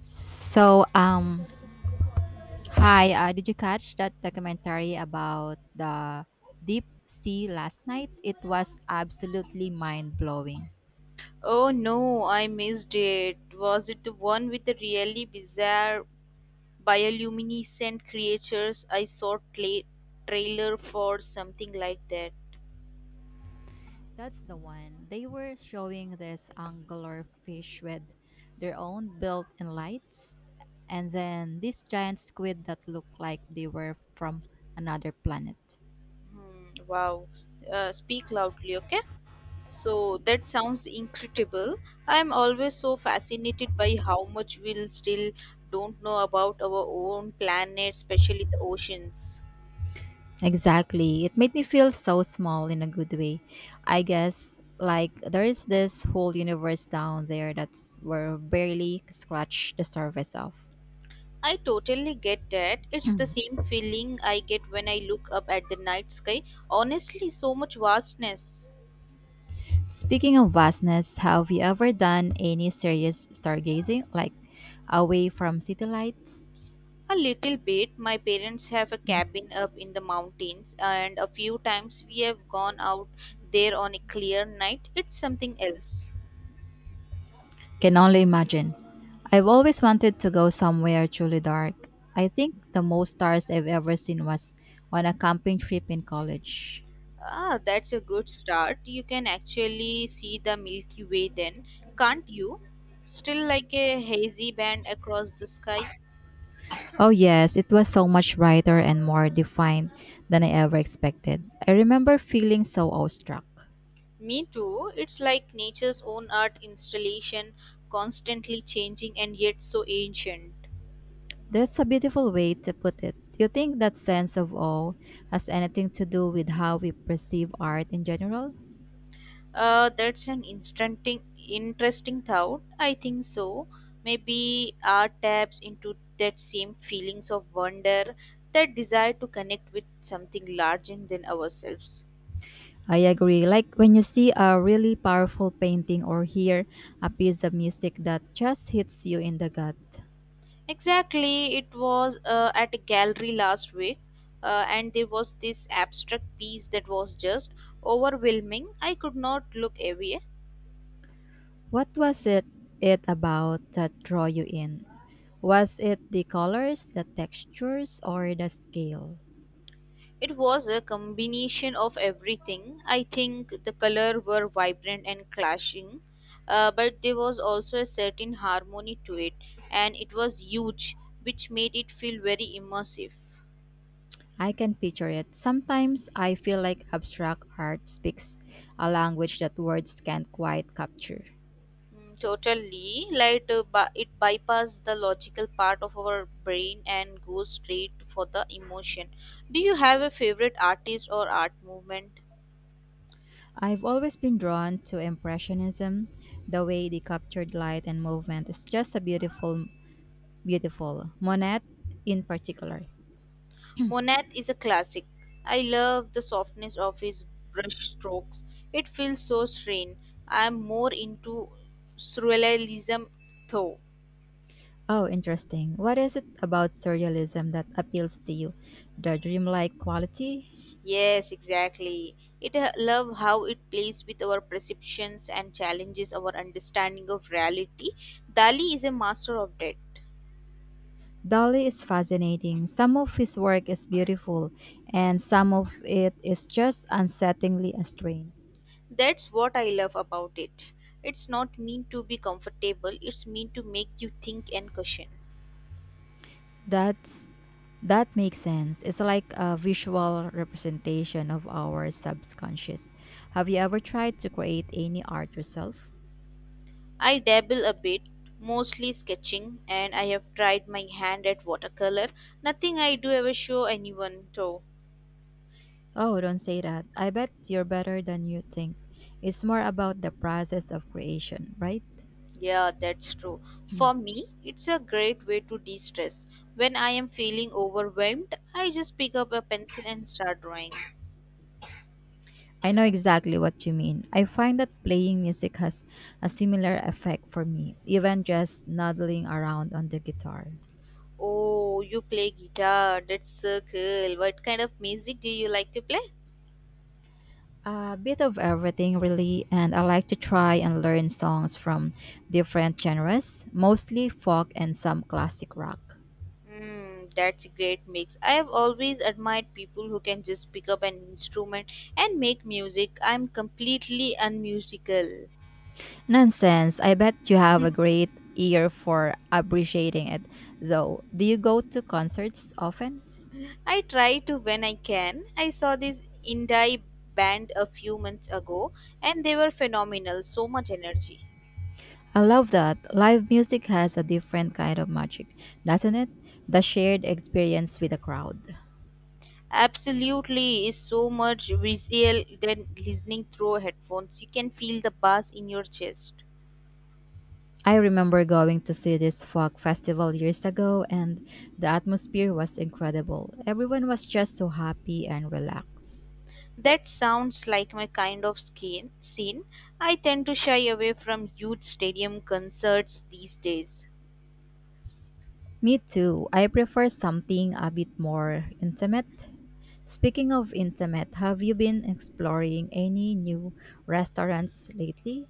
So, um, Hi, did you catch that documentary about the deep sea last night? It was absolutely mind blowing. Oh no, I missed it. Was it the one with the really bizarre bioluminescent creatures? I saw cla trailer for something like that. That's the one. They were showing this angler fish with their own built in lights, and then this giant squid that looked like they were from another planet. Hmm, wow. Speak loudly, okay? So that sounds incredible. I'm always so fascinated by how much we'll still don't know about our own planet, especially the oceans. Exactly. It made me feel so small in a good way. I guess like there is this whole universe down there that's we're barely scratched the surface of. I totally get that. It's the same feeling I get when I look up at the night sky. Honestly, so much vastness. Speaking of vastness, have you ever done any serious stargazing, like away from city lights? A little bit. My parents have a Mhm. cabin up in the mountains, and a few times we have gone out there on a clear night. It's something else. Can only imagine. I've always wanted to go somewhere truly dark. I think the most stars I've ever seen was on a camping trip in college. Ah, that's a good start. You can actually see the Milky Way then, can't you? Still like a hazy band across the sky. Oh, yes, it was so much brighter and more defined than I ever expected. I remember feeling so awestruck. Me too. It's like nature's own art installation, constantly changing and yet so ancient. That's a beautiful way to put it. Do you think that sense of awe has anything to do with how we perceive art in general? That's an interesting thought. I think so. Maybe art taps into that same feelings of wonder, that desire to connect with something larger than ourselves. I agree. Like when you see a really powerful painting or hear a piece of music that just hits you in the gut. Exactly. It was at a gallery last week, and there was this abstract piece that was just overwhelming. I could not look away. What was it about that draw you in? Was it the colors, the textures, or the scale? It was a combination of everything. I think the color were vibrant and clashing, but there was also a certain harmony to it, and it was huge, which made it feel very immersive. I can picture it. Sometimes I feel like abstract art speaks a language that words can't quite capture. Mm, totally, like it bypassed the logical part of our brain and goes straight for the emotion. Do you have a favorite artist or art movement? I've always been drawn to Impressionism. The way they captured light and movement is just a beautiful, beautiful. Monet in particular. Monet is a classic. I love the softness of his brush strokes. It feels so serene. I am more into surrealism though. Oh, interesting. What is it about surrealism that appeals to you? The dreamlike quality? Yes, exactly. It I love how it plays with our perceptions and challenges our understanding of reality. Dali is a master of that. Dali is fascinating. Some of his work is beautiful, and some of it is just unsettlingly strange. That's what I love about it. It's not mean to be comfortable, it's mean to make you think and question. That's that makes sense. It's like a visual representation of our subconscious. Have you ever tried to create any art yourself? I dabble a bit, mostly sketching, and I have tried my hand at watercolor. Nothing I do ever show anyone, though. Oh, don't say that. I bet you're better than you think. It's more about the process of creation, right? Yeah, that's true. For me, it's a great way to de stress. When I am feeling overwhelmed, I just pick up a pencil and start drawing. I know exactly what you mean. I find that playing music has a similar effect for me, even just noddling around on the guitar. Oh, you play guitar. That's so cool. What kind of music do you like to play? A bit of everything, really, and I like to try and learn songs from different genres, mostly folk and some classic rock. Mm, that's a great mix. I have always admired people who can just pick up an instrument and make music. I'm completely unmusical. Nonsense, I bet you have a great ear for appreciating it, though. Do you go to concerts often? I try to when I can. I saw this indie band a few months ago and they were phenomenal. So much energy. I love that. Live music has a different kind of magic, doesn't it? The shared experience with the crowd. Absolutely, is so much visual than listening through headphones. You can feel the bass in your chest. I remember going to see this folk festival years ago, and the atmosphere was incredible. Everyone was just so happy and relaxed. That sounds like my kind of skin, scene. I tend to shy away from huge stadium concerts these days. Me too. I prefer something a bit more intimate. Speaking of intimate, have you been exploring any new restaurants lately?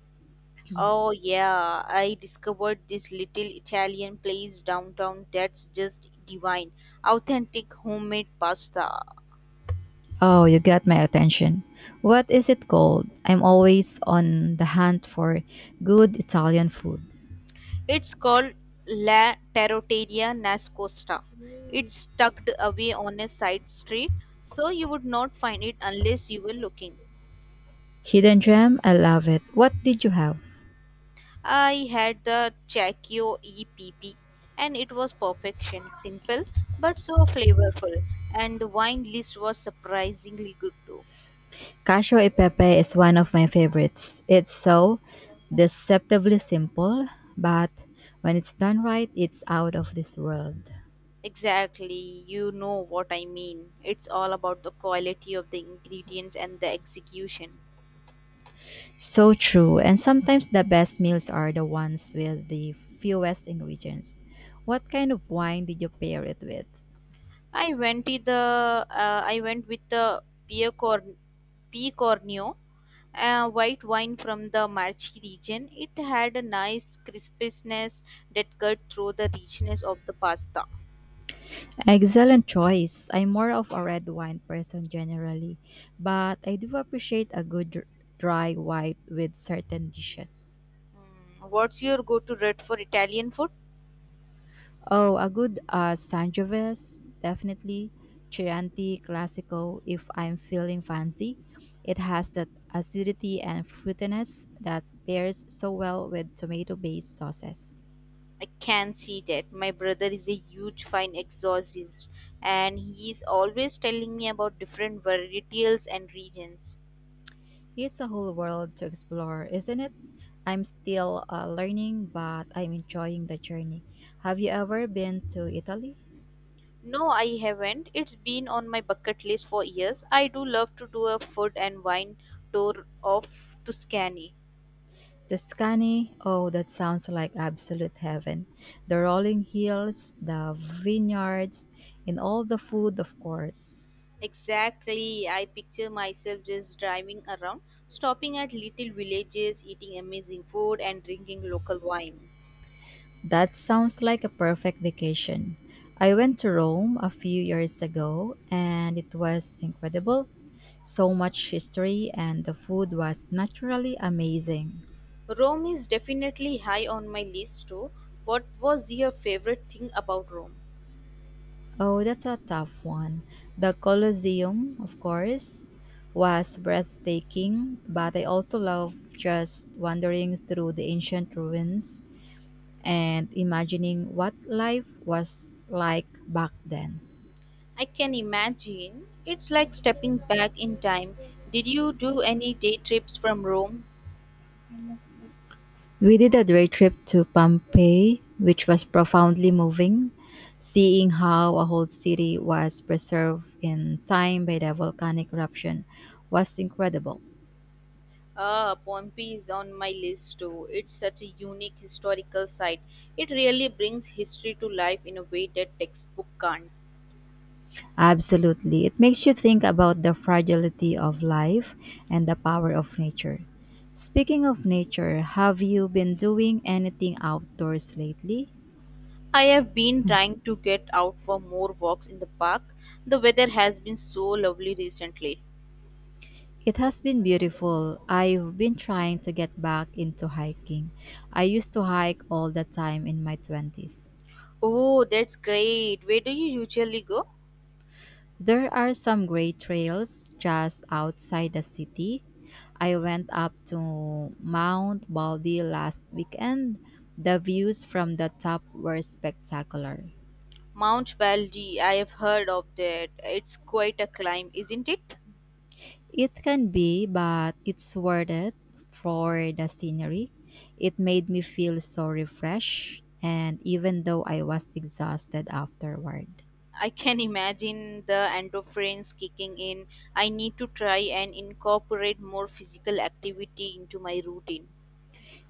Oh, yeah, I discovered this little Italian place downtown that's just divine. Authentic homemade pasta. Oh, you got my attention. What is it called? I'm always on the hunt for good Italian food. It's called La Terroteria Nascosta. It's tucked away on a side street, so you would not find it unless you were looking. Hidden Gem, I love it. What did you have? I had the Chakio EPP and it was perfection, simple but so flavorful. And the wine list was surprisingly good too. Casio e Pepe is one of my favorites. It's so deceptively simple, but when it's done right, it's out of this world. Exactly, you know what I mean. It's all about the quality of the ingredients and the execution. So true. And sometimes the best meals are the ones with the fewest ingredients. What kind of wine did you pair it with? I went with the uh, I went with the Piocorn- Picornio white wine from the Marchi region. It had a nice crispness that cut through the richness of the pasta. Excellent choice. I'm more of a red wine person generally, but I do appreciate a good dry white with certain dishes. Mm, what's your go-to rate for Italian food? Oh, a good Sangiovese, definitely. Chianti Classico, if I'm feeling fancy. It has that acidity and fruitiness that pairs so well with tomato based sauces. I can see that. My brother is a huge fine exorcist and he is always telling me about different varietals and regions. It's a whole world to explore, isn't it? I'm still learning, but I'm enjoying the journey. Have you ever been to Italy? No, I haven't. It's been on my bucket list for years. I do love to do a food and wine tour of Tuscany. Tuscany, oh, that sounds like absolute heaven. The rolling hills, the vineyards, and all the food, of course. Exactly. I picture myself just driving around, stopping at little villages, eating amazing food and drinking local wine. That sounds like a perfect vacation. I went to Rome a few years ago and it was incredible. So much history, and the food was naturally amazing. Rome is definitely high on my list too. What was your favorite thing about Rome? Oh, that's a tough one. The Colosseum, of course, was breathtaking, but I also love just wandering through the ancient ruins and imagining what life was like back then. I can imagine. It's like stepping back in time. Did you do any day trips from Rome? We did a day trip to Pompeii, which was profoundly moving, seeing how a whole city was preserved in time by the volcanic eruption was incredible. Ah, Pompeii is on my list too. It's such a unique historical site. It really brings history to life in a way that textbook can't. Absolutely. It makes you think about the fragility of life and the power of nature. Speaking of nature, have you been doing anything outdoors lately? I have been trying to get out for more walks in the park. The weather has been so lovely recently. It has been beautiful. I've been trying to get back into hiking. I used to hike all the time in my 20s. Oh, that's great. Where do you usually go? There are some great trails just outside the city. I went up to Mount Baldy last weekend. The views from the top were spectacular. Mount Baldy, I have heard of that. It's quite a climb, isn't it? It can be, but it's worth it for the scenery. It made me feel so refreshed, and even though I was exhausted afterward. I can imagine the endorphins kicking in. I need to try and incorporate more physical activity into my routine.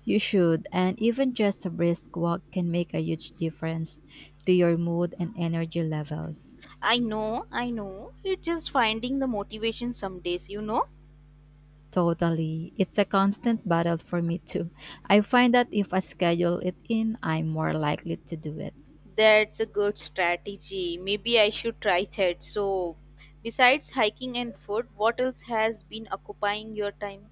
You should, and even just a brisk walk can make a huge difference to your mood and energy levels. I know, I know. It's just finding the motivation some days, you know? Totally. It's a constant battle for me too. I find that if I schedule it in, I'm more likely to do it. That's a good strategy. Maybe I should try that. So, besides hiking and food, what else has been occupying your time?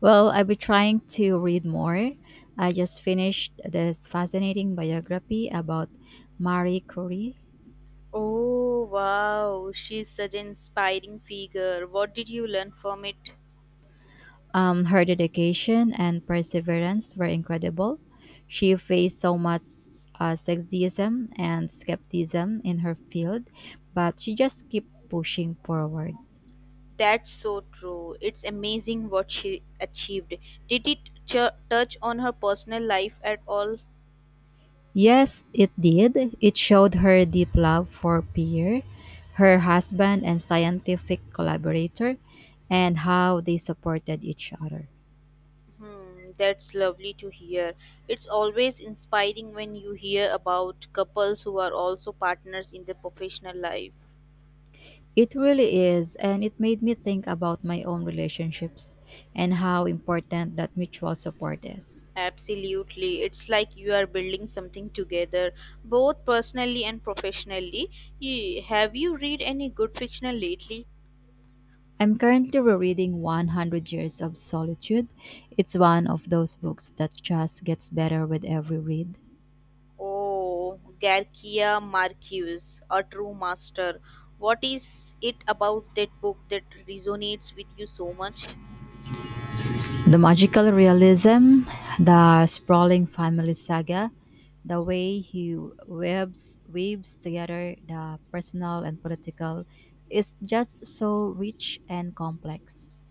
Well, I've been trying to read more. I just finished this fascinating biography about Marie Curie. Oh, wow. She's such an inspiring figure. What did you learn from it? Her dedication and perseverance were incredible. She faced so much sexism and skepticism in her field, but she just kept pushing forward. That's so true. It's amazing what she achieved. Touch on her personal life at all? Yes, it did. It showed her deep love for Pierre, her husband and scientific collaborator, and how they supported each other. Hmm, that's lovely to hear. It's always inspiring when you hear about couples who are also partners in their professional life. It really is, and it made me think about my own relationships and how important that mutual support is. Absolutely. It's like you are building something together, both personally and professionally. Have you read any good fiction lately? I'm currently rereading 100 Years of Solitude. It's one of those books that just gets better with every read. Oh, Garcia Marquez, a true master. What is it about that book that resonates with you so much? The magical realism, the sprawling family saga, the way he weaves together the personal and political is just so rich and complex.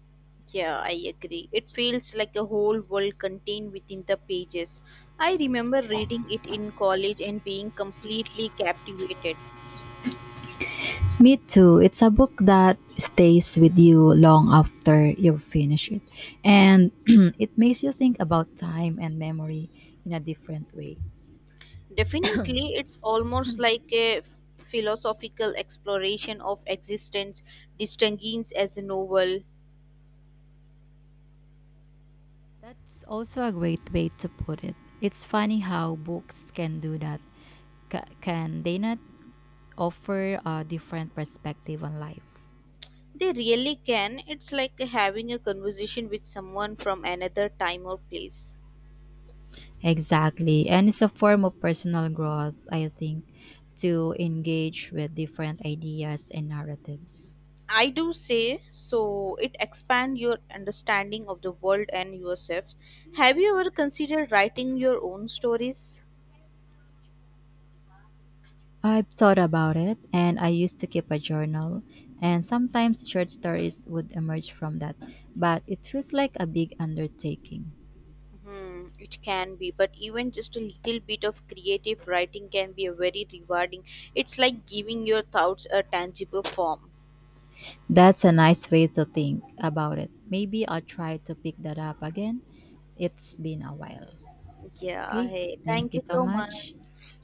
Yeah, I agree. It feels like the whole world contained within the pages. I remember reading it in college and being completely captivated. Me too. It's a book that stays with you long after you finish it. And it makes you think about time and memory in a different way. Definitely, it's almost like a philosophical exploration of existence, distinguished as a novel. That's also a great way to put it. It's funny how books can do that. Can they not offer a different perspective on life? They really can. It's like having a conversation with someone from another time or place. Exactly. And it's a form of personal growth, I think, to engage with different ideas and narratives. I do say so it expands your understanding of the world and yourself. Have you ever considered writing your own stories? I've thought about it and I used to keep a journal, and sometimes short stories would emerge from that, but it feels like a big undertaking. Hmm, it can be, but even just a little bit of creative writing can be a very rewarding. It's like giving your thoughts a tangible form. That's a nice way to think about it. Maybe I'll try to pick that up again. It's been a while. Yeah, Okay, hey, thank thank you you so so much. much.